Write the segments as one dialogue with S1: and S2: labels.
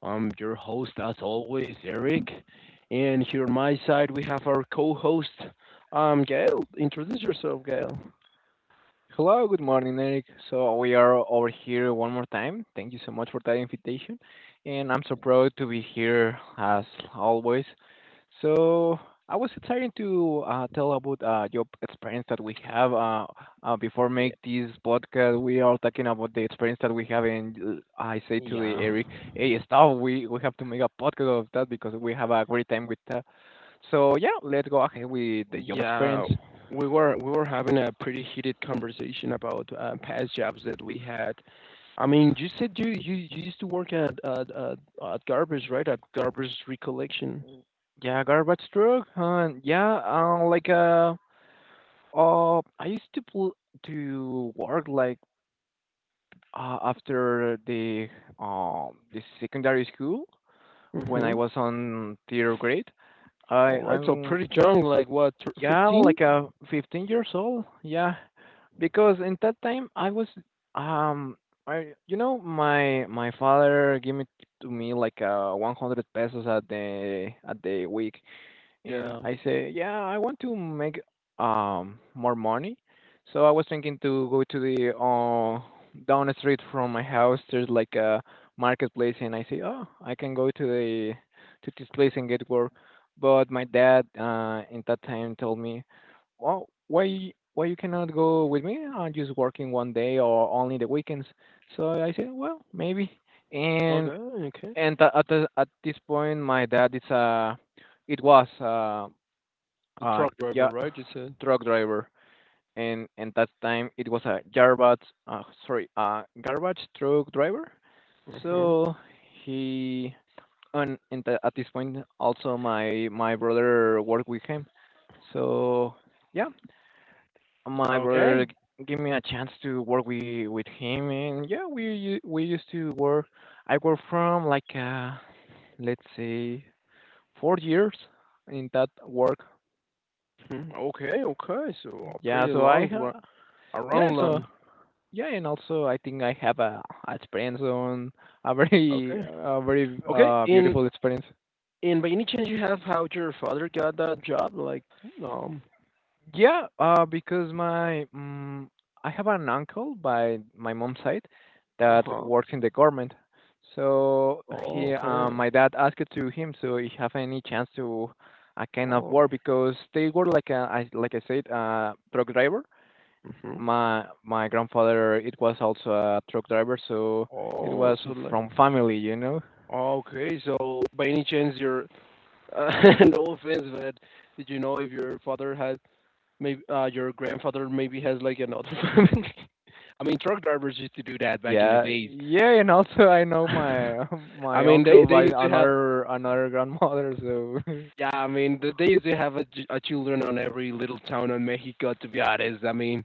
S1: I'm your host, as always, Eric. And here on my side, we have our co host, Gail. Introduce yourself, Gail.
S2: Hello, good morning, Eric. So we are over here one more time. Thank you so much for that invitation, and I'm so proud to be here as always. So I was excited to tell about job experience that we have. Before
S1: Yeah.
S2: make this podcast, we are talking about the experience that we have, and I say to the
S1: Yeah.
S2: Eric, "Hey, stop! We have to make a podcast of that because we have a great time with that." So yeah, let's go ahead with the job
S1: Yeah,
S2: experience.
S1: we were having a pretty heated conversation about past jobs that we had. I mean, you said you used to work at garbage, right? At garbage recollection.
S2: Yeah, garbage truck. Huh? Yeah, I used to to work like after the secondary school when I
S1: Mhm.
S2: was on third grade. I
S1: All right, so
S2: I'm
S1: pretty young, like what,
S2: Yeah,
S1: 15?
S2: like 15 years old. Yeah, because in that time I was um I you know my father gave me to me like 100 pesos at the week and
S1: Yeah.
S2: I say, yeah, I want to make more money. So I was thinking to go to the down the street from my house. There's like a marketplace, and I say, oh, I can go to the to this place and get work. But my dad, in that time, told me, well, why you cannot go with me? I'm just working one day or only the weekends. So I said, well, maybe. And
S1: Okay. Okay.
S2: at the, at this point, my dad is a it was
S1: The
S2: uh,
S1: truck driver,
S2: yeah,
S1: right? You said.
S2: truck driver, and that time it was a garbage, sorry, a garbage truck driver.
S1: Mhm.
S2: So he at this point also my brother worked with him. So yeah, my brother
S1: Okay.
S2: g- gave me a chance to work with him, and yeah, we we used to work. I worked from like let's say 4 years in that work.
S1: Mhm. Okay. Okay. So a
S2: Yeah,
S1: pretty
S2: so I
S1: long run, a
S2: yeah,
S1: long
S2: so
S1: run.
S2: Yeah, and also I think I have a experience on
S1: Okay.
S2: a very
S1: Okay. In
S2: beautiful experience.
S1: in by any chance you have how your father got that job? Like um.
S2: Yeah, because my I have an uncle by my mom's side
S1: Uh
S2: that
S1: huh.
S2: works in the government. So
S1: Oh,
S2: he,
S1: okay.
S2: my dad asked to him, so he have any chance to a kind of
S1: Oh.
S2: work because they were like a, I, like I said, a truck driver.
S1: Mhm.
S2: My grandfather, it was also a truck driver, so it
S1: Oh.
S2: was
S1: So like.
S2: from family, you know.
S1: Okay. So by any chance your uh, no offense, but did you know if your father had maybe your grandfather maybe has like another family? I mean, truck drivers used to do that back in the
S2: Yeah,
S1: days.
S2: yeah, and also I know my
S1: I
S2: my
S1: mean, they
S2: uncle
S1: they
S2: by
S1: used to have,
S2: another another grandmother, so
S1: yeah. I mean, they used to have a children on every little town in Mexico. To be honest, I mean,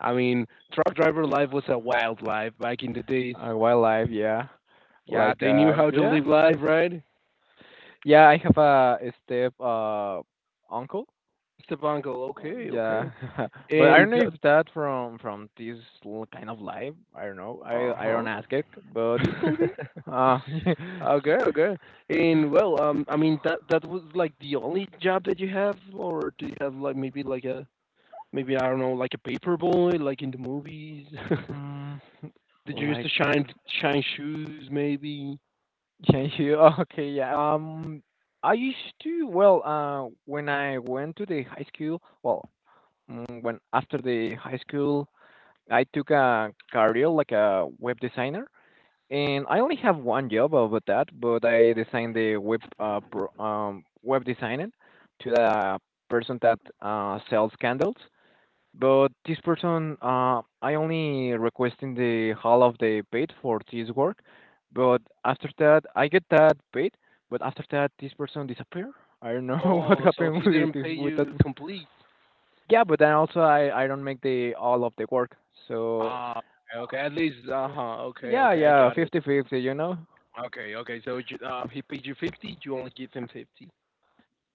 S1: I mean, truck driver life was a wild life back in the days.
S2: wildlife, yeah,
S1: Yeah,
S2: like
S1: they knew
S2: uh,
S1: how to
S2: yeah,
S1: live life, right?
S2: yeah, I have a step uncle,
S1: Esteban go, okay, okay,
S2: yeah, but I
S1: and
S2: don't know if that from this kind of life, I don't know,
S1: uh
S2: I don't ask it,
S1: huh.
S2: but it could be, yeah.
S1: Okay, okay. And well, I mean that that was like the only job that you have, or do you have like maybe like a maybe I don't know like a paper boy like in the movies?
S2: Mm,
S1: Did you use the
S2: like
S1: shine shoes maybe?
S2: Change you? Okay, yeah. I used to, well, when I went to the high school, well, when after the high school, I took a career like a web designer, and I only have one job about that, but I designed the web, web designing to the person that sells candles. But this person, I only requesting the half of the paid for this work, but after that I get that paid, but after that this person disappear. I don't know what
S1: Oh, so
S2: happened
S1: he
S2: with
S1: didn't pay
S2: with that.
S1: you complete.
S2: Yeah, but then also I don't make the all of the work. So
S1: Ah, okay. At least, uh huh. Okay,
S2: yeah,
S1: okay. I
S2: yeah,
S1: got it.
S2: 50 50, you know.
S1: Okay, okay. So he paid you 50. You only give him 50.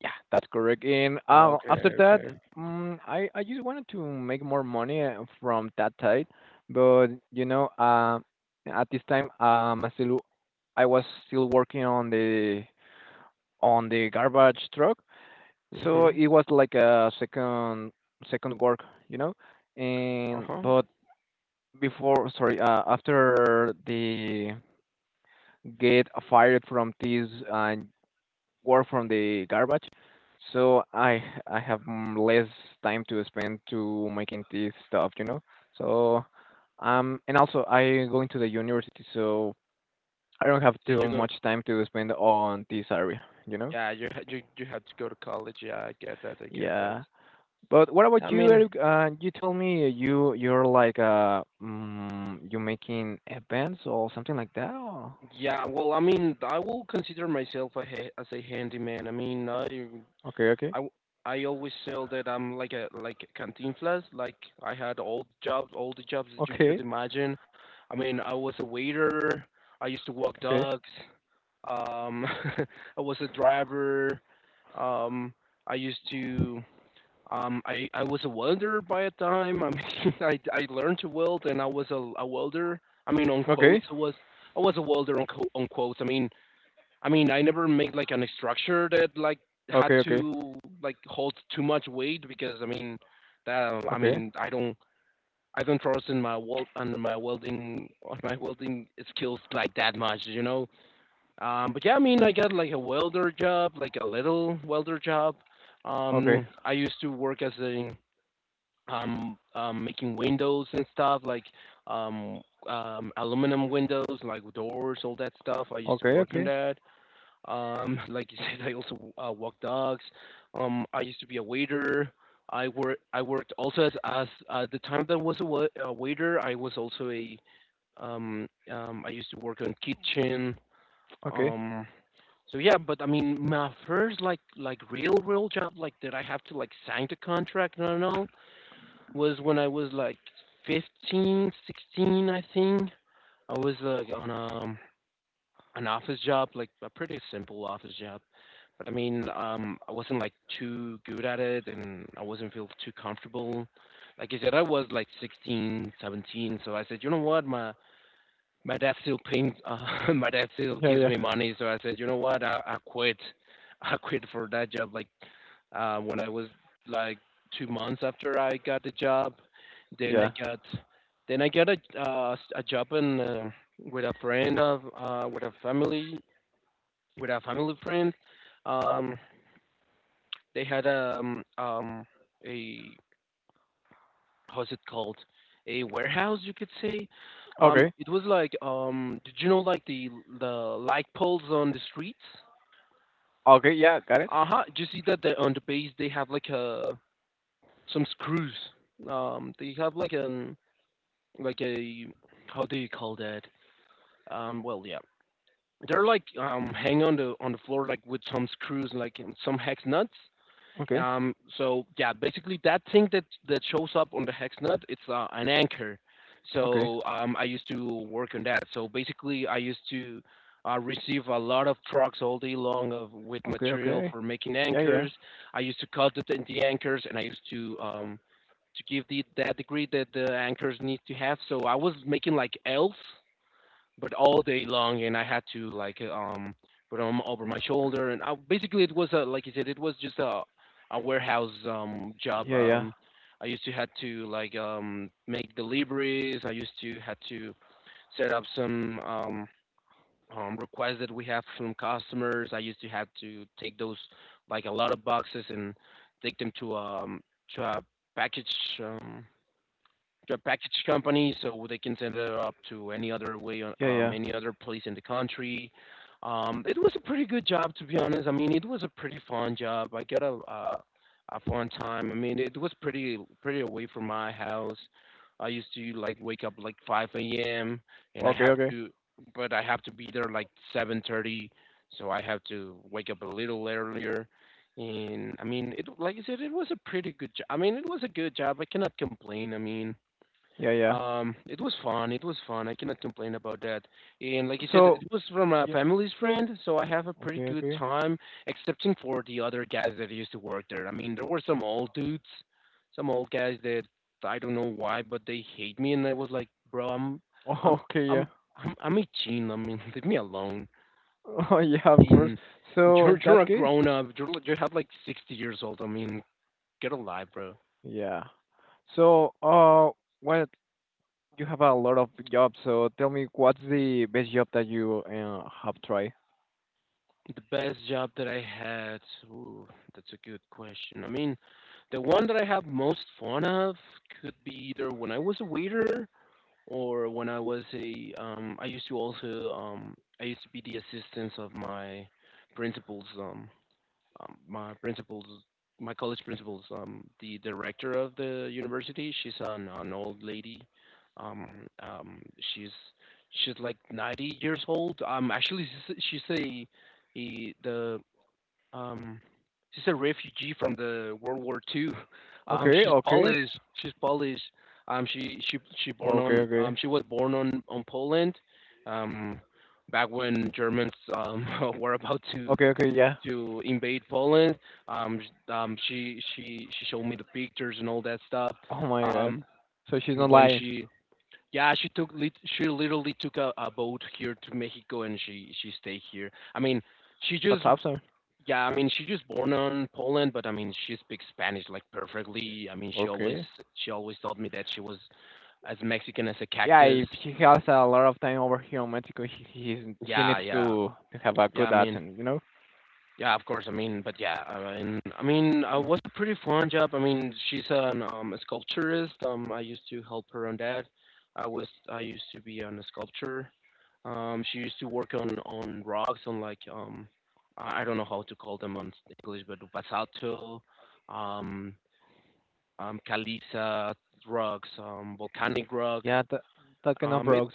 S2: Yeah, that's correct. And
S1: Okay,
S2: after that,
S1: okay.
S2: I just wanted to make more money from that side, but you know, at this time, I still I was still working on the garbage truck, so
S1: Mhm.
S2: it was like a second second work, you know.
S1: Uh
S2: And
S1: huh.
S2: but Before, sorry, after the get fired from this work from the garbage. So I have less time to spend to making this stuff, you know. So and also I going to the university, so I don't have too
S1: Did you go?
S2: much time to spend on this area, you know.
S1: Yeah, you ha- you had to go to college. Yeah, I get that. I get that.
S2: Yeah. But what
S1: I
S2: about you,
S1: mean,
S2: Eric? You told me you're like you making events or something like that. Or?
S1: yeah. Well, I mean, I will consider myself as a handyman. I mean,
S2: Okay,
S1: I
S2: okay,
S1: w- I always feel that I'm like a cantinflas. Like I had all jobs, all the jobs that you could
S2: okay,
S1: imagine. I mean, I was a waiter. I used to walk
S2: okay,
S1: dogs. Um, I was a driver. Um, I used to. I was a welder by a time. I mean, I learned to weld, and I was a welder. I mean, on
S2: okay,
S1: quotes, I was a welder on quotes. I mean, I never made like an structure that like had
S2: okay,
S1: to like hold too much weight, because I mean that I
S2: okay,
S1: mean I don't trust in my weld under my welding on my welding skills like that much, you know. But yeah, I mean I got like a welder job, like a little welder job.
S2: okay, okay,
S1: I used to work as a making windows and stuff like um aluminum windows like doors all that stuff I used to
S2: okay,
S1: work on
S2: okay,
S1: that. Like you said, I also walk dogs. I used to be a waiter. I worked also as the time that I was a waiter. I was also a. I used to work on kitchen.
S2: okay.
S1: Um. So yeah, but I mean, my first real job like that I have to like sign the contract and all was when I was like 15, 16, I think. I was like on a an office job, like a pretty simple office job. But I mean, I wasn't like too good at it and I wasn't feel too comfortable. Like I said, I was like 16, 17. So I said, you know what? My dad still pays, my dad still
S2: Yeah,
S1: gives
S2: yeah,
S1: me money. So I said, you know what? I quit. I quit for that job. Like, when I was like 2 months after I got the job, then I
S2: yeah.
S1: got, then I got a job in, with a friend of, with a family friend. Um, they had a, how's it called? A warehouse, you could say.
S2: Okay,
S1: It was like did you know like the light poles on the streets?
S2: okay, yeah, got it.
S1: Uh huh. Do you see that on the base they have like a some screws? They have like a, how do you call that? Well, yeah, they're like hang on the floor like with some screws like and some hex nuts.
S2: Okay,
S1: So yeah, basically that thing that shows up on the HexNut, it's an anchor.
S2: okay,
S1: So I used to work on that. So basically, I used to receive a lot of trucks all day long of with
S2: okay,
S1: material
S2: okay.
S1: for making
S2: Yeah, yeah,
S1: anchors. I used to cut the anchors, and I used to give the that degree that the anchors need to have. So I was making like elves but all day long, and I had to like put them over my shoulder, and basically it was a, like you said, it was just a warehouse job.
S2: yeah, yeah,
S1: I used to had to like make deliveries. I used to had to set up some requests that we have from customers. I used to have to take those like a lot of boxes and take them to a package, they're a package company, so they can send it up to any other way,
S2: yeah, yeah.
S1: any other place in the country. It was a pretty good job, to be honest. I mean, it was a pretty fun job. I got a fun time. I mean, it was pretty pretty away from my house. I used to like wake up like 5 a.m., and
S2: Okay, okay,
S1: but I have to be there like 7:30, so I have to wake up a little earlier. And I mean, it like I said, it was a pretty good job. I mean, it was a good job. I cannot complain. I mean,
S2: yeah, yeah.
S1: it was fun. It was fun. I cannot complain about that. And like you said,
S2: So,
S1: it was from a
S2: yeah,
S1: family's friend, so I have a pretty
S2: okay,
S1: good
S2: okay,
S1: time, excepting for the other guys that used to work there. I mean, there were some old dudes, some old guys that I don't know why, but they hate me, and I was like, bro, I'm,
S2: okay, yeah,
S1: I'm, I'm 18. I mean, leave me alone.
S2: oh yeah, of
S1: I
S2: course.
S1: mean,
S2: So in
S1: you're
S2: that
S1: a
S2: case,
S1: grown up. You have like 60 years old. I mean, get a life, bro.
S2: yeah. So, well, you have a lot of jobs. So tell me, what's the best job that you have tried?
S1: The best job that I had, ooh, that's a good question. I mean, the one that I have most fun of could be either when I was a waiter or when I was I used to also, I used to be the assistant of my principal's, my principals, my college principals, the director of the university, she's an old lady. Um, um, she's she's like 90 years old. Actually, she's, a, a the um, she's a refugee from the World War Two.
S2: Okay,
S1: She's
S2: okay,
S1: Polish. She's Polish. She born
S2: okay,
S1: on,
S2: okay,
S1: she was born on Poland. Um, back when Germans were about
S2: okay, okay. Yeah.
S1: to invade Poland. She showed me the pictures and all that stuff.
S2: Oh my God.
S1: Um,
S2: So she's not
S1: when
S2: lying.
S1: she, yeah, she literally took a boat here to Mexico, and she stayed here. I mean she
S2: That's
S1: just,
S2: awesome.
S1: yeah, I mean she just born on Poland, but I mean she speaks Spanish like perfectly. I mean
S2: Okay.
S1: she always told me that she was as Mexican as a
S2: Yeah,
S1: cactus.
S2: if she has a lot of time over here in Mexico, she
S1: Yeah
S2: needs
S1: yeah
S2: to have a
S1: yeah I
S2: good
S1: mean,
S2: accent, you know?
S1: yeah, of course. I mean, but yeah, was a pretty fun job. I mean, she's an a sculpturist. I used to help her on that. I used to be on a sculpture. She used to work on rocks on like I don't know how to call them on English, but basalto, um, caliza rocks, volcanic rock.
S2: Yeah, that kind of
S1: Um, it's
S2: rocks.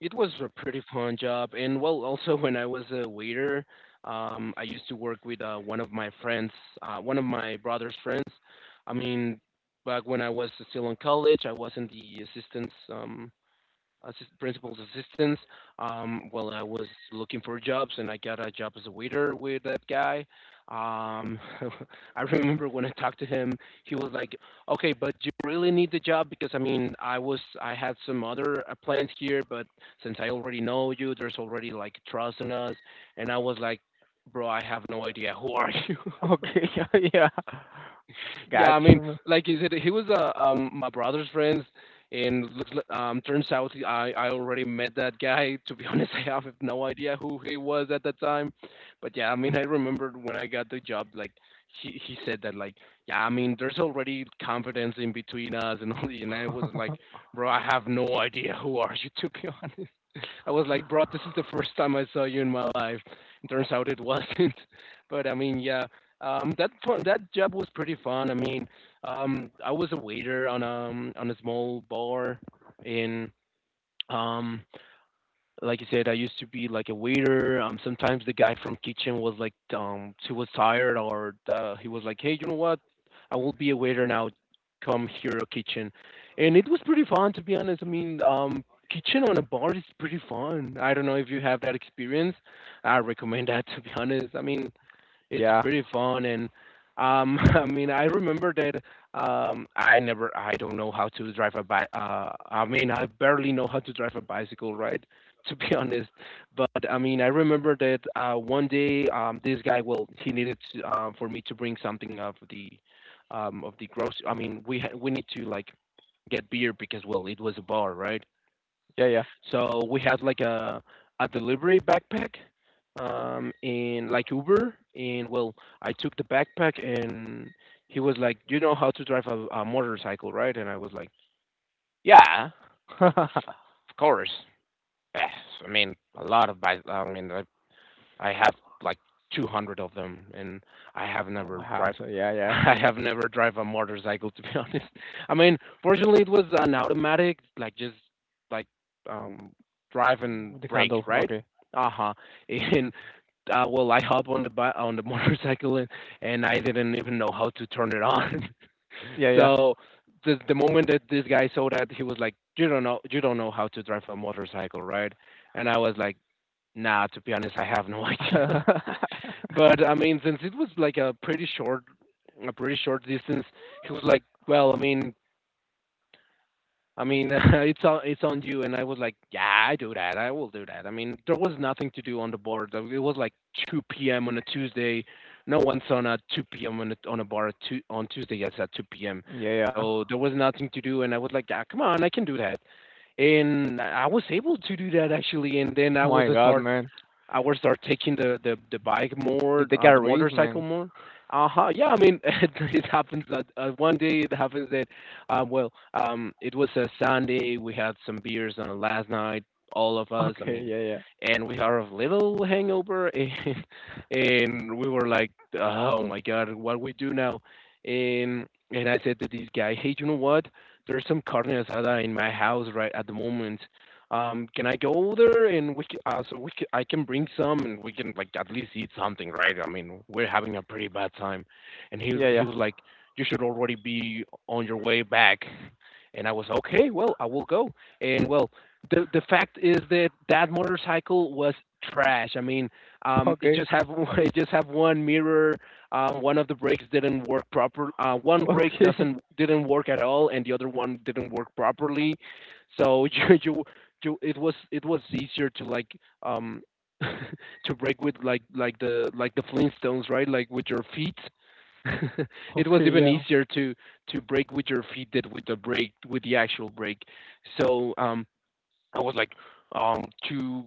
S1: it was a pretty fun job. And well, also when I was a waiter, I used to work with one of my friends, one of my brother's friends. I mean, back when I was still in college, I was in the assistants. Principal's assistants. Well, I was looking for jobs and I got a job as a waiter with that guy. Um, I remember when I talked to him, he was like, "Okay, but you really need the job because I mean, I had some other plans here, but since I already know you, there's already like trust in us." And I was like, "Bro, I have no idea who are you."
S2: Okay, yeah.
S1: Yeah,
S2: Got
S1: I
S2: you,
S1: mean,
S2: man.
S1: like you said, he was my brother's friend, and turns out I already met that guy. To be honest, I have no idea who he was at that time, but yeah, I mean, I remembered when I got the job, like he said that like yeah, I mean, there's already confidence in between us and all, and I was like, bro, I have no idea who are you to be honest. I was like, bro, this is the first time I saw you in my life. It turns out it wasn't. But I mean, yeah, that job was pretty fun. I mean, I was a waiter on a small bar in um like you said, I used to be like a waiter. Sometimes the guy from kitchen was like, he was tired, or he was like, "Hey, you know what? I will be a waiter now. Come here, kitchen." And it was pretty fun, to be honest. I mean, kitchen on a bar is pretty fun. I don't know if you have that experience. I recommend that, to be honest. I mean, it's
S2: yeah,
S1: pretty fun and I mean I remember that I don't know how to drive a bike. I mean I barely know how to drive a bicycle, right? To be honest, but I mean I remember that one day this guy, well, he needed to, for me to bring something of the grocery. I mean, we need to like get beer because, well, it was a bar, right?
S2: yeah, yeah.
S1: So we had like a delivery backpack, in like Uber, and well, I took the backpack, and he was like, "You know how to drive a motorcycle, right?" And I was like, "Yeah,
S2: Oh
S1: of course." Eh, I mean, a lot of bike. I mean, I have like 200 of them, and I have
S2: my
S1: never
S2: house.
S1: drive.
S2: So yeah, yeah.
S1: I have never drive a motorcycle, to be honest. I mean, fortunately, it was an automatic, like just like um, drive and
S2: With the
S1: brake,
S2: candle.
S1: right?
S2: Okay.
S1: Uh huh. And well, I hop on the motorcycle, and I didn't even know how to turn it on.
S2: Yeah,
S1: So the moment that this guy saw that, he was like, "You don't know how to drive a motorcycle, right?" And I was like, "Nah, to be honest, I have no idea."
S2: yeah.
S1: But I mean, since it was like a pretty short distance, he was like, "Well, I mean, it's on you." And I was like, "Yeah, I do that. I will do that." I mean, there was nothing to do on the board. It was like 2 p.m. on a Tuesday. No one's on a 2 p.m. on a bar at two, on Tuesday. Yes, at 2 p.m.
S2: yeah, yeah.
S1: So there was nothing to do, and I was like, "Yeah, come on, I can do that." And I was able to do that, actually. And then
S2: Oh my god, man.
S1: I will start taking the bike
S2: You
S1: more,
S2: take a
S1: the
S2: risk,
S1: motorcycle
S2: man.
S1: more. Uh huh. Yeah, I mean, it happens that one day it happens that, well, it was a Sunday. We had some beers, last night, all of us. I
S2: Okay,
S1: mean,
S2: yeah, yeah.
S1: and we are a little hangover, and we were like, oh my god, what we do now? And I said to this guy, hey, you know what? There's some carne asada in my house right at the moment. Can I go there and we can, so we can, I can bring some and we can like at least eat something, right? I mean, we're having a pretty bad time. And he
S2: Yeah,
S1: he
S2: yeah.
S1: was like, you should already be on your way back. And I was okay, well, I will go. And well, the fact is that that motorcycle was trash. I mean, it
S2: Okay.
S1: just have it just have one mirror. One of the brakes didn't work proper. One brake
S2: Okay.
S1: doesn't didn't work at all, and the other one didn't work properly. So you it was easier to like um to break with like the Flintstones, right? Like with your feet. It was
S2: Okay,
S1: even
S2: yeah.
S1: easier to break with your feet than with the break with the actual break. So I was like to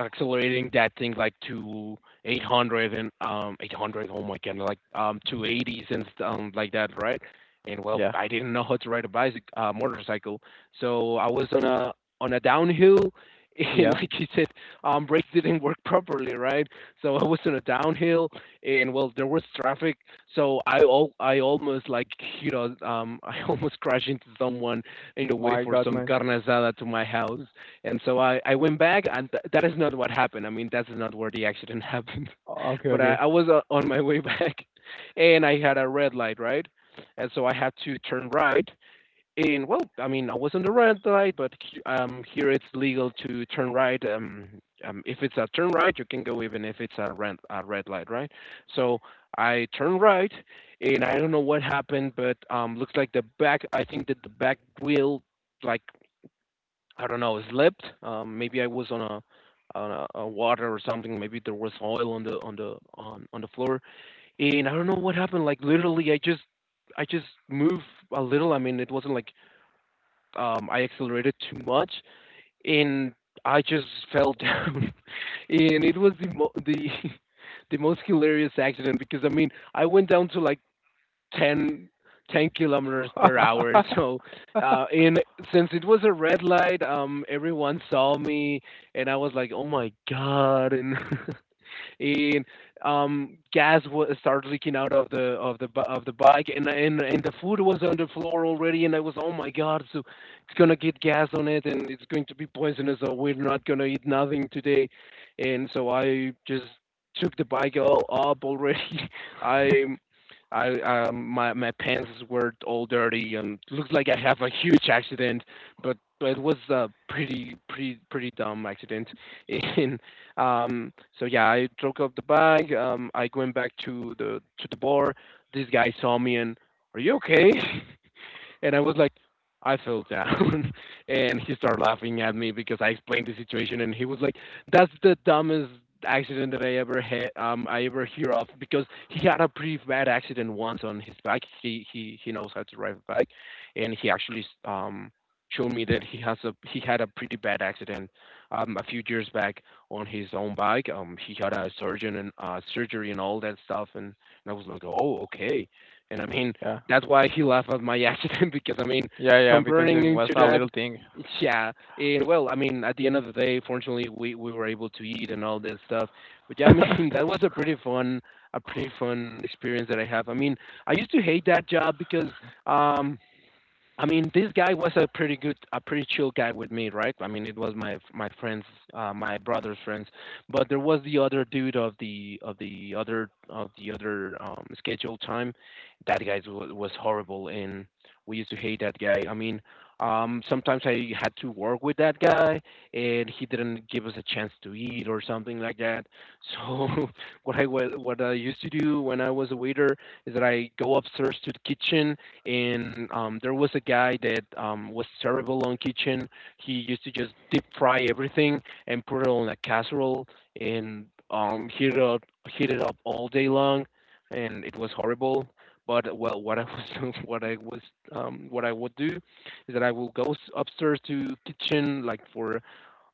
S1: accelerating that thing like to 800 and 800, oh my god, like 280s and like that, right? And well,
S2: Yeah.
S1: I didn't know how to ride a bicycle, motorcycle. So I was on a downhill, and
S2: Yeah.
S1: like you said, brakes didn't work properly, right? So I was on a downhill, and well, there was traffic. So I almost like I almost crashed into someone in the
S2: My
S1: way for
S2: god,
S1: some
S2: man.
S1: carne asada to my house. And so I went back, and that is not what happened. I mean, that is not where the accident happened.
S2: Oh, okay,
S1: But I,
S2: okay.
S1: I was on my way back, and I had a red light, right? And so I had to turn right. And well, I mean, I was on the red light, but here it's legal to turn right. If it's a turn right, you can go even if it's a red light, right? So I turned right, and I don't know what happened, but looks like the back. I think that the back wheel, like, I don't know, slipped. Maybe I was on a water or something. Maybe there was oil on the on the on the floor, and I don't know what happened. Like, literally, I just moved a little. I mean, it wasn't like I accelerated too much, and I just fell down, and it was the the most hilarious accident because I mean I went down to like 10, 10 kilometers per hour. So in since it was a red light, everyone saw me, and I was like, oh my god. And and gas was started leaking out of the bike, and the food was on the floor already, and I was oh my god, so it's gonna get gas on it, and it's going to be poisonous, so we're not gonna eat nothing today. And so I just took the bike all up already. I I My pants were all dirty and looks like I have a huge accident, but it was a pretty pretty pretty dumb accident, and um, so yeah, I took off the bag. I went back to the bar. This guy saw me and, "Are you okay?" And I was like, I fell down. And he started laughing at me because I explained the situation. And he was like, that's the dumbest accident that I ever hear of because he had a pretty bad accident once on his bike. He knows how to ride a bike. And he actually, showed me that he had a pretty bad accident, a few years back, on his own bike. He had a surgeon and surgery and all that stuff, and I was like, oh, okay. And I mean,
S2: Yeah.
S1: that's why he laughed at my accident because I mean,
S2: Yeah, yeah, because
S1: comparing
S2: it
S1: him
S2: was
S1: to
S2: a
S1: that,
S2: little thing.
S1: yeah. And well, I mean, at the end of the day, fortunately, we were able to eat and all that stuff. But yeah, I mean, that was a pretty fun experience that I have. I mean, I used to hate that job because um I mean, this guy was a pretty good, a pretty chill guy with me, right? I mean, it was my friends, my brother's friends, but there was the other dude of the other scheduled time. That guy was horrible, and we used to hate that guy. I mean, sometimes I had to work with that guy, and he didn't give us a chance to eat or something like that. So what I used to do when I was a waiter is that I go upstairs to the kitchen, and there was a guy that was terrible on kitchen. He used to just deep fry everything and put it on a casserole, and heat it up all day long, and it was horrible. But well, what I was what I would do is that I will go upstairs to kitchen like for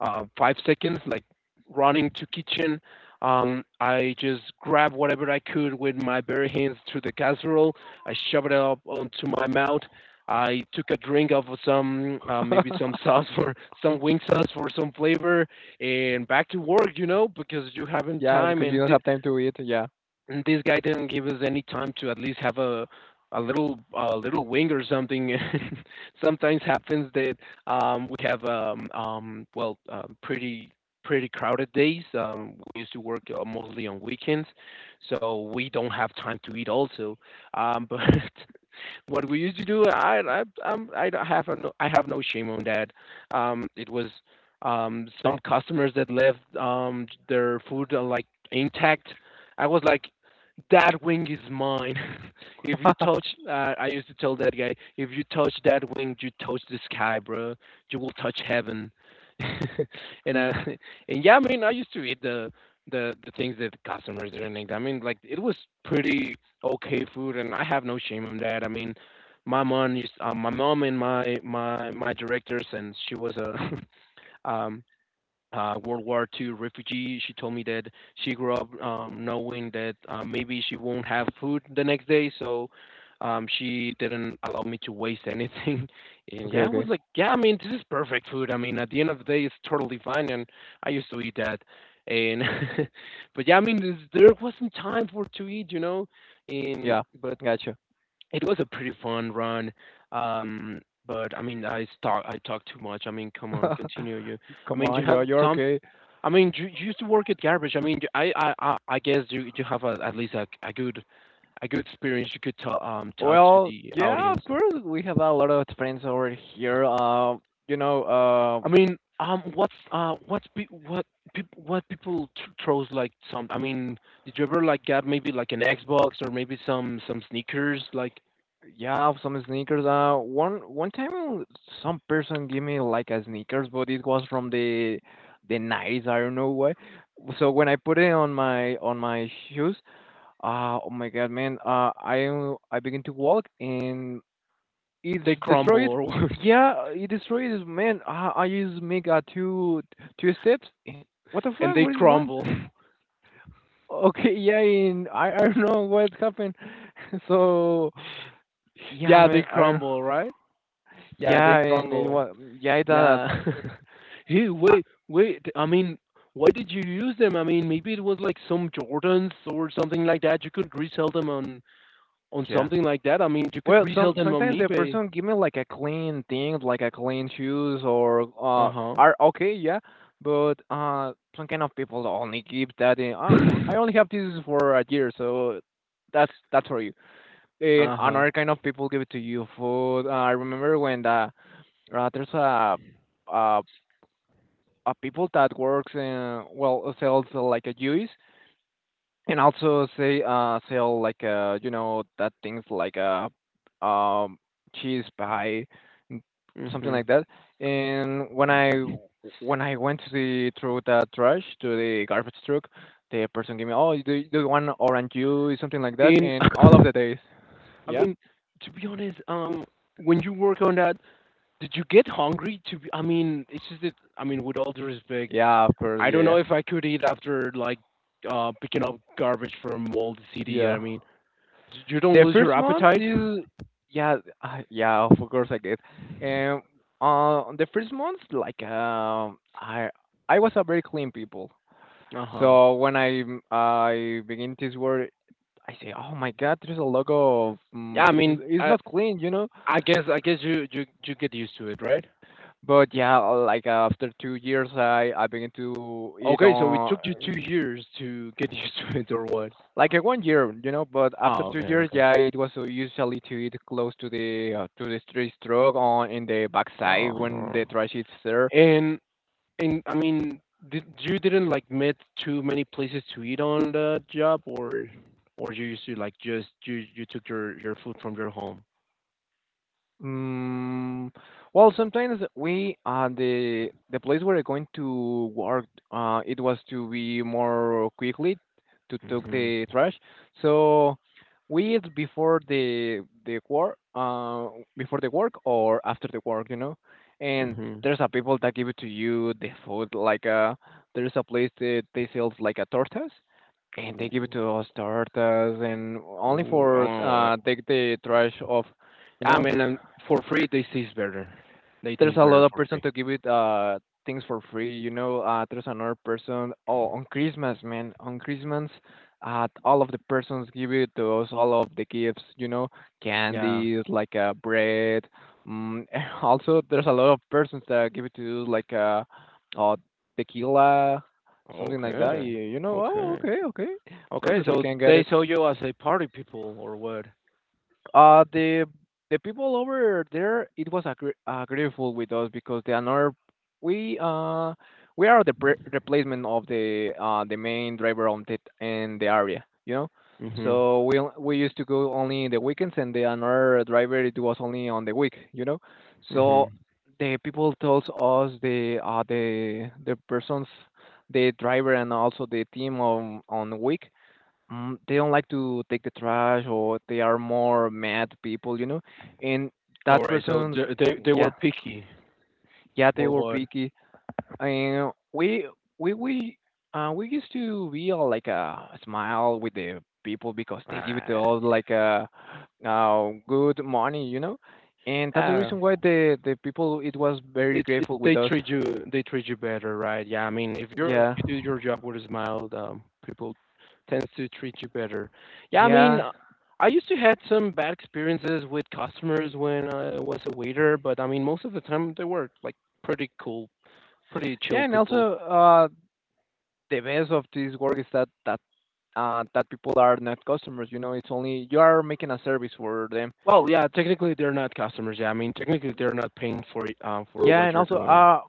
S1: 5 seconds, like running to kitchen. I just grab whatever I could with my bare hands to the casserole. I shoved it up onto my mouth. I took a drink of some, maybe some sauce for some wing sauce for some flavor, and back to work, because you haven't
S2: Yeah,
S1: time,
S2: because you
S1: and,
S2: don't
S1: th-
S2: have time to eat. Yeah.
S1: and this guy didn't give us any time to at least have a little wing or something. Sometimes happens that we have well, pretty crowded days. We used to work mostly on weekends, so we don't have time to eat also. But what we used to do. I have no shame on that. It was some customers that left their food like intact. I was like, that wing is mine. if you touch, I used to tell that guy, if you touch that wing, you touch the sky, bro. You will touch heaven. and I, and yeah, I mean, I used to eat the things that customers didn't eat. I mean, like it was pretty okay food, and I have no shame on that. I mean, my mom and my directors, and she was a um World War II refugee. She told me that she grew up, knowing that maybe she won't have food the next day, so she didn't allow me to waste anything. And
S2: Okay,
S1: yeah, I
S2: okay.
S1: was like, yeah, I mean, this is perfect food. I mean, at the end of the day, it's totally fine, and I used to eat that. And but yeah, I mean, there wasn't time for to eat. And
S2: Yeah,
S1: but
S2: gotcha.
S1: it was a pretty fun run. But I mean, I talk too much. I mean, come on, continue. I
S2: Come
S1: mean, do you
S2: on, yo,
S1: have
S2: you're
S1: some
S2: okay.
S1: I mean, you used to work at garbage. I mean, I guess you have at least a good experience you could tell to
S2: Well,
S1: the
S2: yeah,
S1: audience.
S2: of course, we have a lot of friends over here. You know, uh,
S1: I mean, what people throws like some? I mean, did you ever like get maybe like an Xbox or maybe some sneakers like
S2: Yeah, some sneakers. One one time, some person gave me like a sneakers, but it was from the 90s. I don't know why. So when I put it on my shoes, oh my god, man! I begin to walk and it's
S1: they crumble
S2: destroyed.
S1: or what?
S2: Yeah, it destroyed it, man. I just make two steps. And what the fuck?
S1: And
S2: What
S1: they
S2: is it going?
S1: crumble.
S2: Okay, yeah, and I don't know what happened. So yeah,
S1: Yeah, they
S2: man, I don't.
S1: crumble, right? Yeah,
S2: Yeah,
S1: they
S2: and it
S1: crumble.
S2: was yeah, it
S1: Yeah. Hey,
S2: uh,
S1: wait, wait. I mean, why did you use them? I mean, maybe it was like some Jordans or something like that. You could resell them on
S2: yeah.
S1: something like that. I mean, you could
S2: Well,
S1: resell
S2: some
S1: them on
S2: sometimes the
S1: eBay.
S2: person give me like a clean thing, like a clean shoes or
S1: Uh-huh.
S2: are okay, yeah. But some kind of people only give that in. Oh, I only have this for a year, so that's for you. And
S1: Uh-huh.
S2: another kind of people give it to you food. I remember when the there's uh a people that works in well sells like a juice. And also say sell like you know that things like um cheese pie n- something like
S1: Mhm.
S2: that. And when I When I went to the throw the trash to the garbage truck, the person gave me oh do you want orange juice something like that.
S1: In
S2: And all of the
S1: I
S2: days, yeah,
S1: mean, to be honest, when you work on that, did you get hungry? I mean, it's just that, I mean, with all due respect,
S2: yeah, of course,
S1: I
S2: yeah,
S1: don't
S2: yeah,
S1: know if I could eat after like picking up garbage from all the city.
S2: yeah.
S1: I mean, you don't
S2: The
S1: lose your
S2: first month
S1: appetite?
S2: is yeah yeah of course I guess and the first month like I was a very clean people
S1: Uh-huh.
S2: so when I begin this work I say oh my god there's a lot of
S1: Yeah, I mean,
S2: it's
S1: I
S2: not clean you know
S1: I guess I guess you get used to it, right?
S2: but yeah like after 2 years I begin to eat
S1: Okay, so it
S2: on
S1: took you 2 years to get used to it or what?
S2: like a one year, you know. But after
S1: Oh,
S2: two
S1: okay,
S2: years,
S1: okay.
S2: yeah, it was usually to eat close to the street stroke on in the backside when
S1: Uh-huh.
S2: the trash is there.
S1: And and I mean, did you didn't like met too many places to eat on the job, or you used to like just you took your food from your home?
S2: Mm, well, sometimes we the place where we're going to work it was to be more quickly to take
S1: Mhm.
S2: the trash. So we eat before the work before the work or after the work, you know. And
S1: Mhm.
S2: there's a people that give it to you the food like there's a place that they sells like a tortas and they give it
S1: Ooh.
S2: to us tortas and only
S1: Ooh.
S2: for
S1: Oh.
S2: take the trash off, you
S1: Yeah, I
S2: know
S1: mean, for free they taste better. They
S2: there's
S1: taste
S2: a
S1: better
S2: lot of
S1: for
S2: person
S1: free.
S2: to give it things for free. You know, there's another person. Oh, on Christmas, man, on Christmas, all of the persons give it to us all of the gifts. You know,
S1: Yeah.
S2: candies like bread. Mm, also, there's a lot of persons that give it to us like uh tequila, something like that.
S1: Okay.
S2: You know, oh,
S1: Okay.
S2: okay, okay,
S1: Okay.
S2: perfect. We
S1: So
S2: can get
S1: they
S2: it.
S1: saw you as a party people or what?
S2: Uh, the the people over there, it was agreeable with us because the another we uh we are the replacement of the main driver on the in the area, you know.
S1: Mhm.
S2: So we used to go only in the weekends, and the another driver it was only on the week, you know. So
S1: Mhm.
S2: the people told us the persons, the driver and also the team on week. They don't like to take the trash or they are more mad people, you know. And
S1: All
S2: that
S1: right. So
S2: person's
S1: they were
S2: Yeah,
S1: picky
S2: yeah, they
S1: or
S2: were
S1: what?
S2: picky. And we we used to be all like a smile with the people because they give it to
S1: Ah.
S2: us like a good money, you know. And that's the
S1: uh
S2: reason why the people it was very
S1: it's it,
S2: grateful with
S1: they
S2: us.
S1: treat you they treat you better, right? Yeah. I mean, if you're
S2: Yeah.
S1: you do your job with a smile, people tends to treat you better. Yeah. I mean,
S2: Yeah.
S1: I used to had some bad experiences with customers when I was a waiter, but I mean, most of the time they were like pretty cool, pretty chill
S2: Yeah, and
S1: people.
S2: also the best of this work is that people are not customers. You know, it's only you are making a service for them.
S1: Well, yeah, technically they're not customers. Yeah, I mean technically they're not paying for it, for
S2: Yeah,
S1: what you're doing.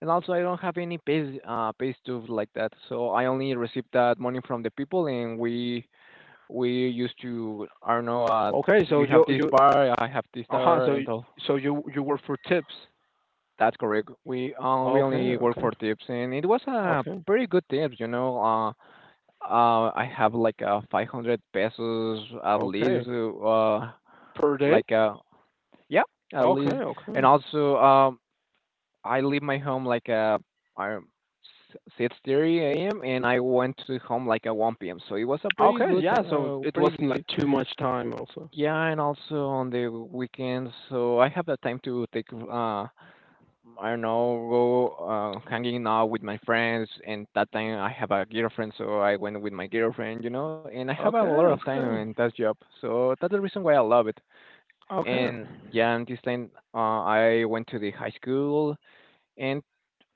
S2: and also I don't have any pay stuff like that. So I only receive that money from the people, and we used to, I don't know,
S1: Okay, so
S2: you have
S1: you
S2: this
S1: you
S2: bar, I have this
S1: uh-huh,
S2: bar,
S1: so y-
S2: and all.
S1: so you you work for tips.
S2: That's correct. We, we
S1: Okay,
S2: only work for
S1: okay,
S2: tips, and it was a
S1: okay,
S2: pretty good tips. You know, I have like a 500 pesos at
S1: okay.
S2: least,
S1: Per day?
S2: like uh Yeah, at
S1: Okay,
S2: least. And
S1: okay.
S2: also, I leave my home like I 6:30 a.m. and I went to home like at one p.m. So it was a pretty
S1: Okay,
S2: good,
S1: yeah, so it
S2: pretty good.
S1: wasn't like too much time also.
S2: Yeah, and also on the weekends, so I have the time to take, I don't know, go, hanging out with my friends. And that time I have a girlfriend, so I went with my girlfriend, you know. And I have a
S1: Okay,
S2: lot of time in
S1: okay,
S2: that job, so that's the reason why I love it.
S1: okay.
S2: And yeah, and this time, I went to the high school, and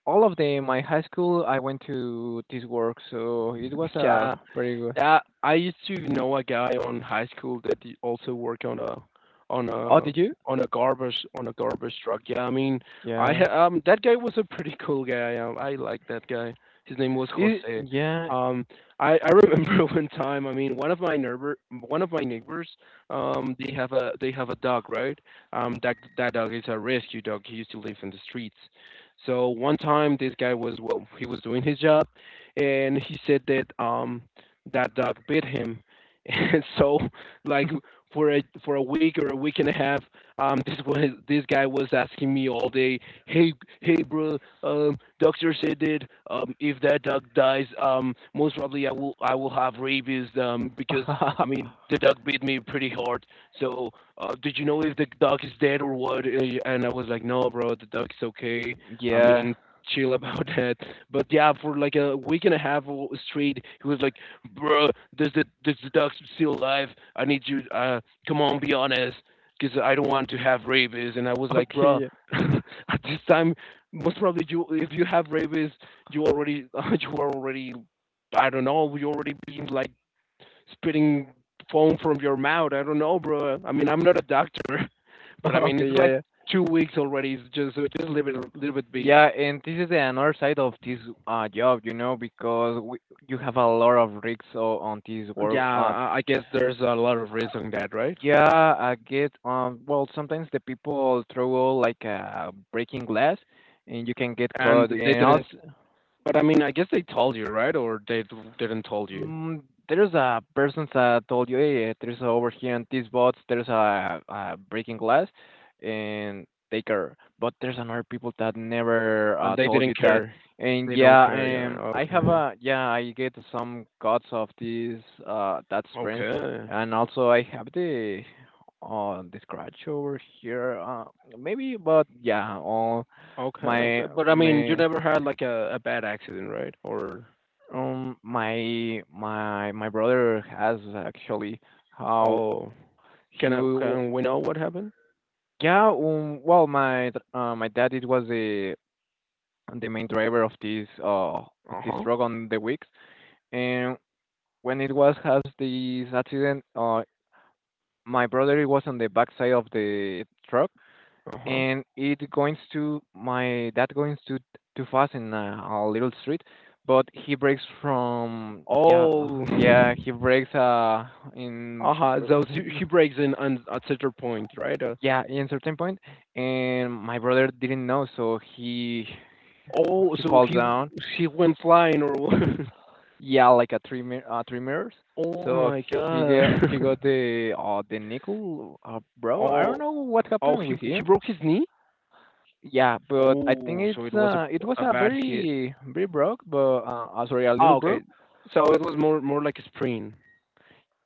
S2: all of them, my high school, I went to this work, so it was a
S1: Yeah,
S2: pretty good.
S1: yeah, I used to know a guy on high school that he also worked on a on
S2: Oh,
S1: a
S2: did you?
S1: on a garbage truck. Yeah, I mean, I
S2: Yeah.
S1: ha that guy was a pretty cool guy. I like that guy. His name was
S2: It,
S1: Jose.
S2: yeah.
S1: Um, I remember one time. I mean, one of my neighbors. They have a dog, right? That dog is a rescue dog. He used to live in the streets. So one time, this guy was well, he was doing his job, and he said that that dog bit him. And so, like for a week or a week and a half, this guy was asking me all day, "Hey, hey, bro, doctor said that if that dog dies, most probably I will have rabies, because I mean the dog bit me pretty hard. So, did you know if the dog is dead or what?" And I was like, "No, bro, the dog's okay. I
S2: Yeah.
S1: mean, chill about that." But yeah, for like a week and a half straight, he was like, bro, does the dog still alive? I need you. Come on, be honest, because I don't want to have rabies. And I was like,
S2: Okay.
S1: bro,
S2: Yeah.
S1: at this time, most probably if you have rabies, you already you are already, I don't know, you already been like spitting foam from your mouth. I don't know, bro. I mean, I'm not a doctor, but I mean,
S2: Okay.
S1: it's
S2: Yeah.
S1: like
S2: Yeah.
S1: 2 weeks already. It's just, so just leave it be.
S2: Yeah, and this is the another side of this job, you know, because we, you have a lot of risks on this work.
S1: Yeah, I guess there's a lot of risk on that, right?
S2: Yeah, I get. Well, sometimes the people throw like breaking glass, and you can get
S1: And
S2: caught.
S1: they
S2: And
S1: didn't.
S2: also,
S1: But I mean, I guess they told you, right? Or they didn't told you,
S2: mm, there's a person that told you, hey, there's over here in this bots, there's a breaking glass, and take her. But there's another people that never,
S1: and they
S2: told you
S1: didn't
S2: that.
S1: care.
S2: And
S1: They don't care, you
S2: yeah,
S1: know.
S2: I have
S1: Okay,
S2: a yeah, I get some cuts of these that springs,
S1: okay,
S2: and also I have the, the scratch over here. Maybe, but yeah, all
S1: okay, okay.
S2: my
S1: But I mean, you
S2: my
S1: never had like a bad accident, right? Or
S2: my brother has actually, how
S1: oh,
S2: he w-
S1: can we know what happened?
S2: yeah. Well, my dad it was the main driver of this, of
S1: Uh
S2: this
S1: huh.
S2: truck on the weeks, and when it was has this accident, my brother was on the back side of the truck,
S1: Uh huh.
S2: and it goes to, my dad goes to too fast in a little street, but he breaks from,
S1: Oh,
S2: yeah he breaks in
S1: uh huh. So she, she breaks in on at certain point, right?
S2: yeah, in certain point, and my brother didn't know, so
S1: Oh,
S2: he
S1: so
S2: falls
S1: he
S2: down,
S1: she went flying or what?
S2: yeah, like three mirrors.
S1: Oh
S2: So
S1: my
S2: he
S1: god.
S2: got, the, the nickel, bro, I don't
S1: Oh,
S2: know what
S1: oh,
S2: happened
S1: he
S2: with
S1: he
S2: him.
S1: broke his knee.
S2: Yeah, but I think
S1: Oh, so
S2: it's,
S1: it was a
S2: it was
S1: a
S2: a
S1: bad hit.
S2: very broke, but, sorry, a little
S1: Oh, okay.
S2: broke,
S1: So it was more like a sprain.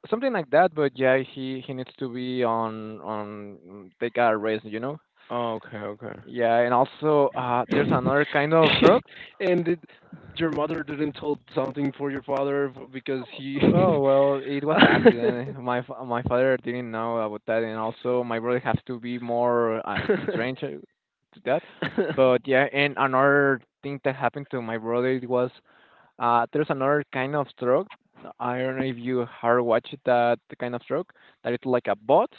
S2: something like that. But yeah, he needs to be on, take a rest, you know.
S1: Oh, okay, okay.
S2: Yeah, and also, there's another kind of drug.
S1: And your mother didn't told something for your father, because he
S2: Oh well, it was an accident. My father didn't know about that, and also my brother has to be more, strange, to that. But yeah, and another thing that happened to my brother it was, there's another kind of stroke. No, I don't know if you have watched that kind of stroke. That it's like a bots,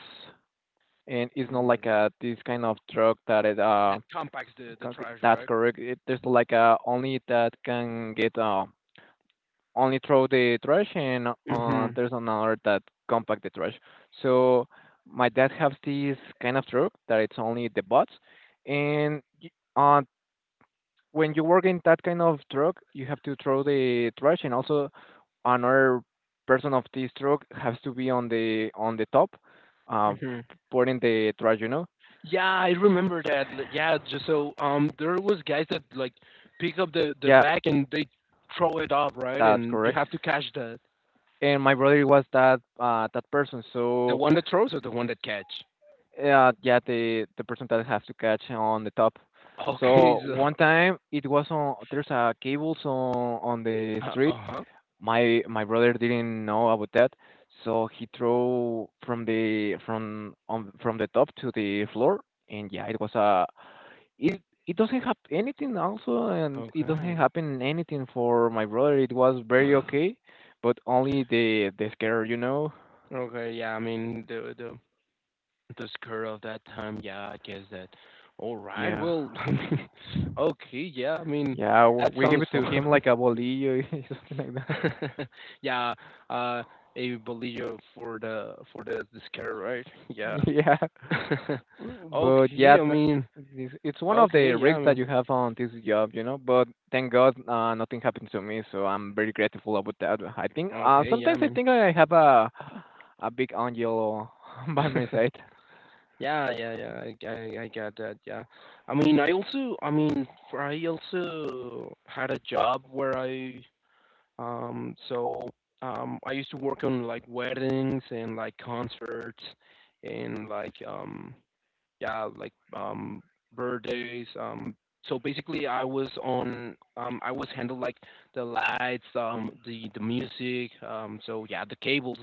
S2: and it's not
S1: Hmm.
S2: like a this kind of stroke that
S1: That compacts the trash,
S2: that's
S1: right?
S2: correct. It, there's like a only that can get, only throw the trash, and,
S1: Mhm.
S2: there's another that compact the trash. So my dad has this kind of stroke that it's only the bots, and y- uh, when you work in that kind of truck, you have to throw the trash, and also another person of this truck has to be on the top, uh,
S1: Mhm.
S2: putting the trash. You know?
S1: Yeah, I remember that. Yeah, just so, there was guys that like pick up the
S2: Yeah,
S1: bag and they throw it up, right?
S2: that's
S1: And you
S2: correct.
S1: have to catch that.
S2: And my brother was that, that person.
S1: The
S2: So,
S1: one that throws or the one that catch?
S2: yeah, the person that has to catch on the top.
S1: Okay,
S2: So
S1: so,
S2: one time it was on, there's a cables on the street.
S1: uh-huh.
S2: My brother didn't know about that, so he threw from the from on from the top to the floor, and yeah, it was a, it it doesn't have anything also, and it
S1: Okay.
S2: doesn't happen anything for my brother. It was very okay, but only the scare, you know.
S1: Okay, yeah, I mean the skirt of that time, yeah, I guess that. All right,
S2: Yeah,
S1: well, I mean, okay, yeah, I mean
S2: yeah,
S1: that
S2: we give
S1: sounds
S2: it to him
S1: fun.
S2: like a bolillo, something like that.
S1: Yeah, uh, a bolillo for the skirt, right? Yeah.
S2: Yeah. But yeah,
S1: Okay, I
S2: th-
S1: mean,
S2: this- it's one of
S1: okay,
S2: the
S1: yeah, I
S2: risks that
S1: mean,
S2: you have on this job, you know. But thank God, nothing happened to me, so I'm very grateful about that. I think,
S1: okay, yeah, I
S2: sometimes I
S1: mean.
S2: think I have a, big angel by my side.
S1: Yeah, yeah, yeah. I get that. Yeah, I mean, I mean, for I also had a job where so, I used to work on like weddings and like concerts and like, yeah, like, birthdays. So basically, I was handled like the lights, the music, so yeah, the cables,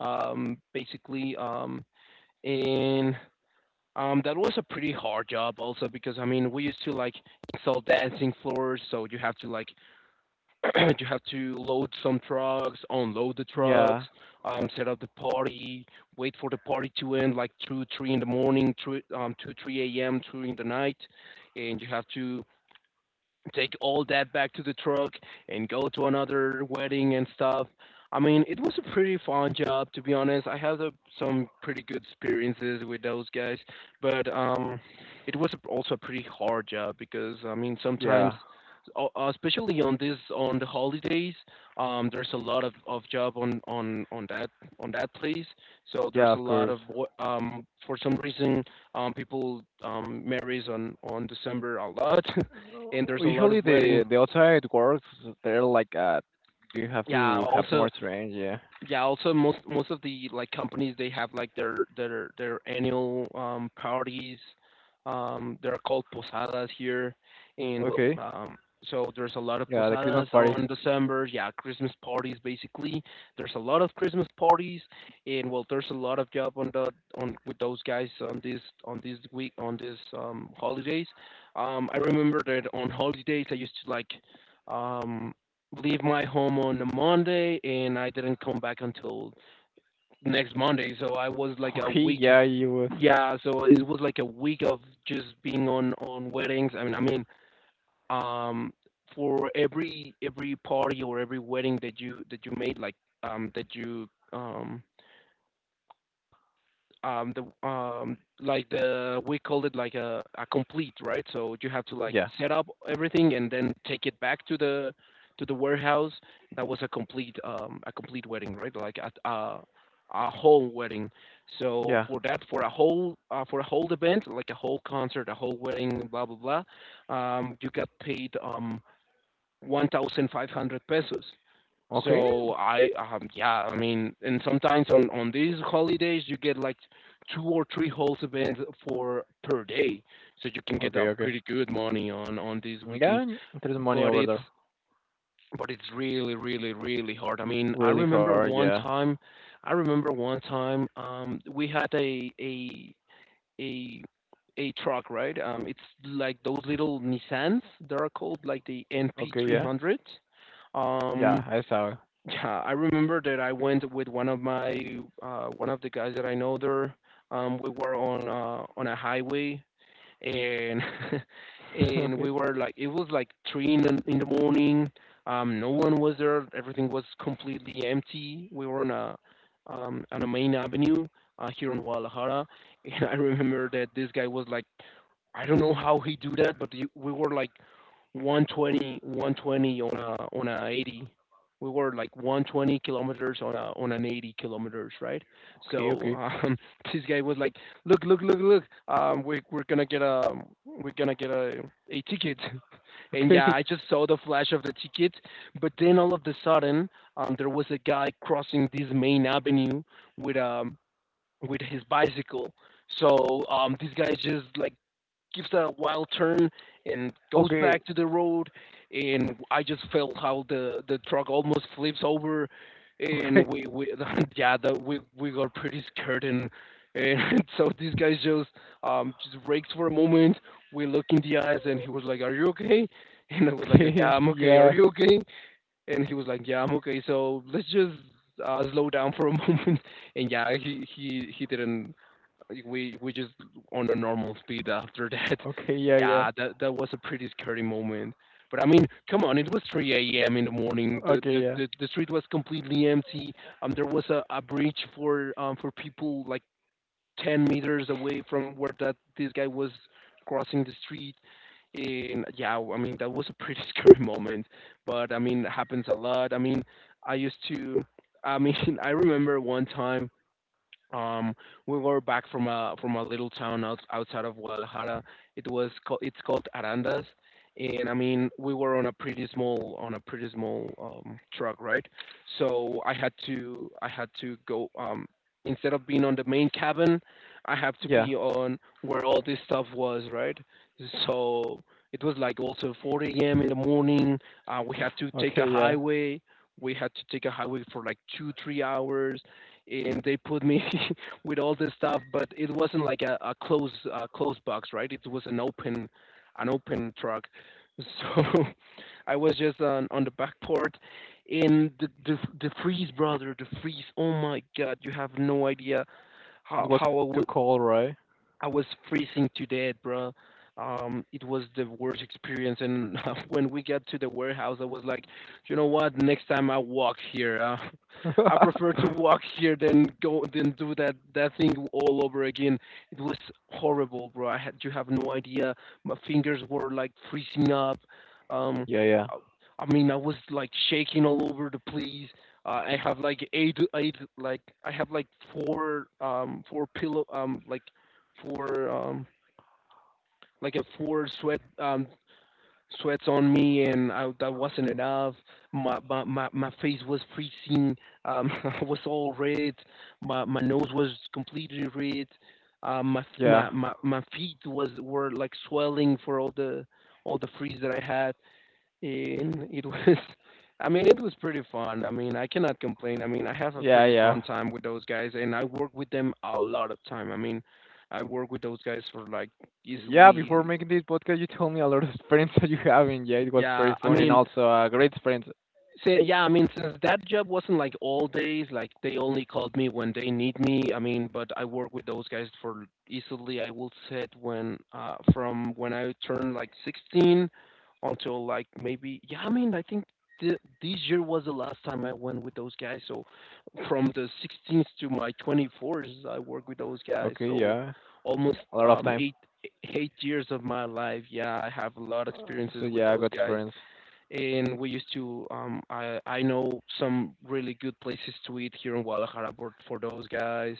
S1: basically, and that was a pretty hard job also because I mean we used to like install dancing floors, so you have to like you have to load some trucks, unload the trucks,
S2: Yeah,
S1: set up the party, wait for the party to end like two, three in the morning, two, three a.m. Two in the night, and you have to take all that back to the truck and go to another wedding and stuff. I mean, it was a pretty fun job, to be honest. I had a, some pretty good experiences with those guys, but it was also a pretty hard job because I mean sometimes,
S2: yeah,
S1: especially on this on the holidays. There's a lot of job on that place. So there's
S2: yeah.
S1: a
S2: Of
S1: lot
S2: course.
S1: of boy, for some reason people marries on December a lot, and there's a lot
S2: Usually
S1: of
S2: the
S1: weddings.
S2: outside works they're like, you have
S1: Yeah,
S2: to have
S1: also,
S2: more strength. Yeah.
S1: yeah, also, most of the, like, companies they have, like, their annual parties. They're called posadas here, and
S2: Okay.
S1: so there's a lot of
S2: Yeah, the Christmas
S1: posadas
S2: parties.
S1: on December, yeah, Christmas parties basically. There's a lot of Christmas parties, and well, there's a lot of job on the on with those guys on this week on this holidays. I remember that on holidays I used to like um leave my home on a Monday, and I didn't come back until next Monday. So I was like a
S2: Okay.
S1: week.
S2: Yeah, you.
S1: Yeah, so it was like a week of just being on weddings. I mean, um, for every party or every wedding that you made, like, that you the like the, we called it like a complete, right? So you have to like
S2: Yeah,
S1: set up everything and then take it back to the warehouse. That was a complete wedding, right? Like a whole wedding. So
S2: yeah.
S1: for that, for a whole event, like a whole concert, a whole wedding, blah blah blah, you got paid 1500 pesos.
S2: Okay.
S1: So I yeah, I mean, and sometimes on these holidays you get like two or three host events for per day, so you can get a
S2: Okay. Okay.
S1: pretty good money on these
S2: Yeah,
S1: weekends.
S2: and there's money
S1: But
S2: over
S1: it's
S2: there.
S1: but it's really really really hard. I mean, I
S2: Really
S1: remember
S2: hard,
S1: one
S2: yeah.
S1: time, I remember one time we had a a truck, right? It's like those little Nissans that are called like the
S2: Okay, yeah.
S1: NP300.
S2: Yeah,
S1: Um,
S2: I saw.
S1: yeah, I remember that I went with one of my one of the guys that I know there. We were on a highway and
S2: It.
S1: and
S2: Okay.
S1: we were like it was like three in the morning. No one was there. Everything was completely empty. We were on a main avenue here in Guadalajara, and I remember that this guy was like, I don't know how he do that, but you- we were like 120, 120 on a 80. We were like 120 kilometers on a on an 80 kilometers, right?
S2: Okay,
S1: So
S2: okay.
S1: this guy was like, "Look, look, look, look! We we're gonna get a we're gonna get a ticket." And yeah,
S2: Okay.
S1: I just saw the flash of the ticket, but then all of the sudden, there was a guy crossing this main avenue with um with his bicycle. So this guy just like gives that a wild turn and goes
S2: Okay.
S1: back to the road, and I just felt how the truck almost flips over, and
S2: Okay.
S1: we yeah, the, we got pretty scared, and so this guy just brakes for a moment. We look in the eyes and he was like, "Are you okay?" And I was like, "Yeah,
S2: Okay.
S1: I'm okay. Are
S2: Yeah.
S1: you okay?" And he was like, "Yeah, I'm okay, so let's just slow down for a moment." And yeah, he didn't, like, we just on a normal speed after that.
S2: Okay, yeah, yeah.
S1: Yeah, that that was a pretty scary moment. But I mean, come on, it was 3 a.m. in the morning.
S2: Okay, yeah.
S1: The street was completely empty. There was a bridge for people like 10 meters away from where that this guy was crossing the street. And yeah, I mean that was a pretty scary moment. But I mean, it happens a lot. I mean, I used to. I mean, I remember one time um, we were back from a little town outside of Guadalajara. It was called, it's called Arandas, and I mean we were on a pretty small on a pretty small truck, right? So I had to go instead of being on the main cabin, I have to
S2: Yeah.
S1: be on where all this stuff was, right? So it was like also four a.m. in the morning. We had to take a
S2: Okay, yeah.
S1: highway. We had to take a highway for like 2 3 hours, and they put me with all this stuff, but it wasn't like a closed closed box, right? It was an open truck. So I was just on the back port, and the freeze, brother, the freeze. Oh my God, you have no idea
S2: It was
S1: how I w
S2: too cold, right?
S1: I was freezing to death, bro. It was the worst experience, and when we got to the warehouse, I was like, you know what? Next time I walk here, I
S2: Yeah,
S1: prefer to walk here than go than do that that thing all over again. It was horrible, bro. I had, you have no idea. My fingers were like freezing up. Um,
S2: yeah.
S1: I, I mean, I was like shaking all over the place. I have like eight like I have like four four pillow like four like a four sweat sweats on me, and I, that wasn't enough. My face was freezing. I was all red. My nose was completely red. My, f-
S2: Yeah.
S1: my feet was were like swelling for all the freeze that I had. And it was, I mean, it was pretty fun. I mean, I cannot complain. I mean, I have a
S2: Yeah,
S1: pretty
S2: yeah.
S1: fun time with those guys and I work with them a lot of time. I mean, I work with those guys for like
S2: Yeah, before
S1: easily,
S2: making this podcast, you told me a lot of experience that you have, and yeah, it was
S1: yeah,
S2: very
S1: I
S2: fun and
S1: mean,
S2: also a great experience.
S1: so yeah, I mean, since that job wasn't like all days, like they only called me when they need me. I mean, but I work with those guys for easily, I will say it, when from when I turned like 16 until like maybe, yeah. I mean, I think this year was the last time I went with those guys. So from the 16th to my 24th, I work with those guys.
S2: Okay,
S1: So
S2: yeah,
S1: almost
S2: a lot of
S1: um,
S2: time.
S1: eight eight years of my life. Yeah, I have a lot of
S2: So
S1: experiences with
S2: yeah, I
S1: those
S2: got
S1: guys,
S2: experience.
S1: and we used to I know some really good places to eat here in Guadalajara for those guys.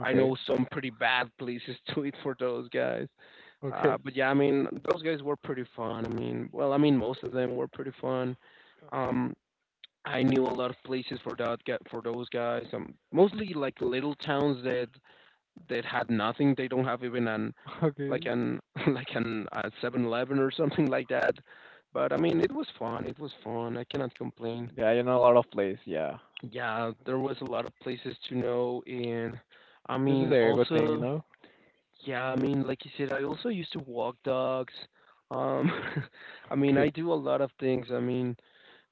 S1: I know some pretty bad places to eat for those guys. Uh,
S2: okay.
S1: but yeah, I mean those guys were pretty fun. I mean, well, I mean most of them were pretty fun. Um I knew a lot of places for that get for those guys. Um, mostly like little towns that that had nothing. They don't have even an like
S2: Okay.
S1: an like an 7-Eleven or something like that. But I mean, it was fun. It was fun. I cannot complain.
S2: Yeah, you know a lot of place. Yeah,
S1: Yeah, there was a lot of places to know, and I
S2: this is
S1: mean,
S2: the ego thing, you
S1: also,
S2: know.
S1: yeah, I mean, like you said, I also used to walk dogs. Um, I mean, I
S2: Okay.
S1: do a lot of things. I mean,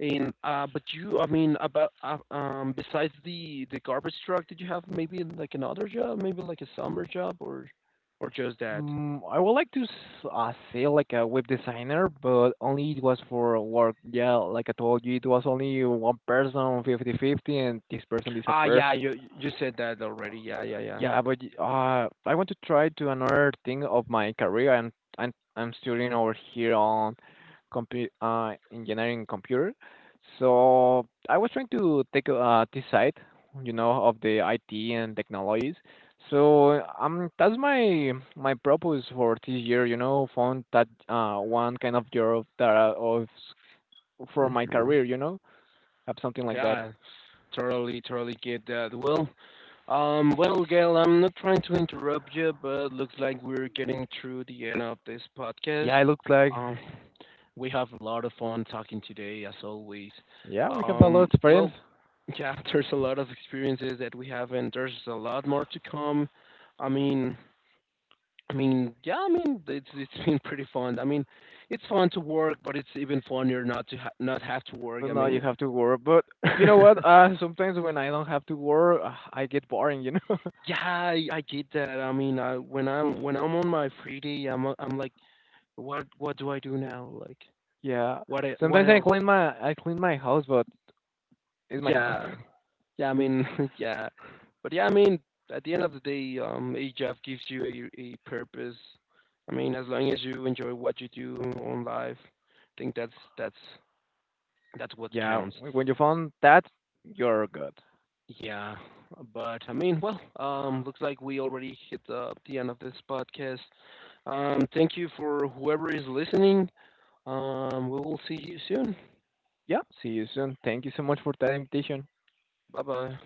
S1: and but you, I mean, about besides the garbage truck, did you have maybe like another job, maybe like a summer job, or just that?
S2: Mm, I would like to say like a web designer, but only it was for work. Yeah, like I told you, it was only one person, 50 50, and this person
S1: Ah,
S2: disappeared.
S1: yeah, you said that already. Yeah, yeah, yeah.
S2: Yeah, but I want to try to another thing of my career. I'm I'm studying over here on compu engineering computer. So I was trying to take, this side, you know, of the IT and technologies. So that's my purpose for this year. You know, found that, one kind of job that I- of for my
S1: Hmm.
S2: career. You know, have something like that.
S1: Yeah, totally, totally get that. Well, well, Gail, I'm not trying to interrupt you, but looks like we're getting through the end of this podcast.
S2: Yeah, I look like,
S1: Um, we have a lot of fun talking today, as always.
S2: yeah, we have a lot of friends.
S1: Well, yeah, there's a lot of experiences that we have, and there's a lot more to come. I mean, I mean, yeah, I mean, it's been pretty fun. I mean, it's fun to work, but it's even funnier not to ha- not have to work.
S2: But
S1: I
S2: now you
S1: mean,
S2: have to work. But you know
S1: yeah,
S2: what? Sometimes when I don't have to work, I get boring. You know?
S1: I get that. I mean, I when I'm on my free day, I'm like, what do I do now? Like,
S2: Yeah.
S1: what e- what
S2: Sometimes I
S1: else?
S2: clean my, house, but it's my house.
S1: Yeah, yeah. I mean, yeah, but yeah, I mean, at the end of the day, a job gives you a purpose. I mean, as long as you enjoy what you do on life, I think that's that's what
S2: Yeah.
S1: counts.
S2: When you found that, you're good.
S1: Yeah, but I mean, well, looks like we already hit the end of this podcast. Thank you for whoever is listening. We will see you soon.
S2: Yeah. See you soon. Thank you so much for that invitation.
S1: Bye bye.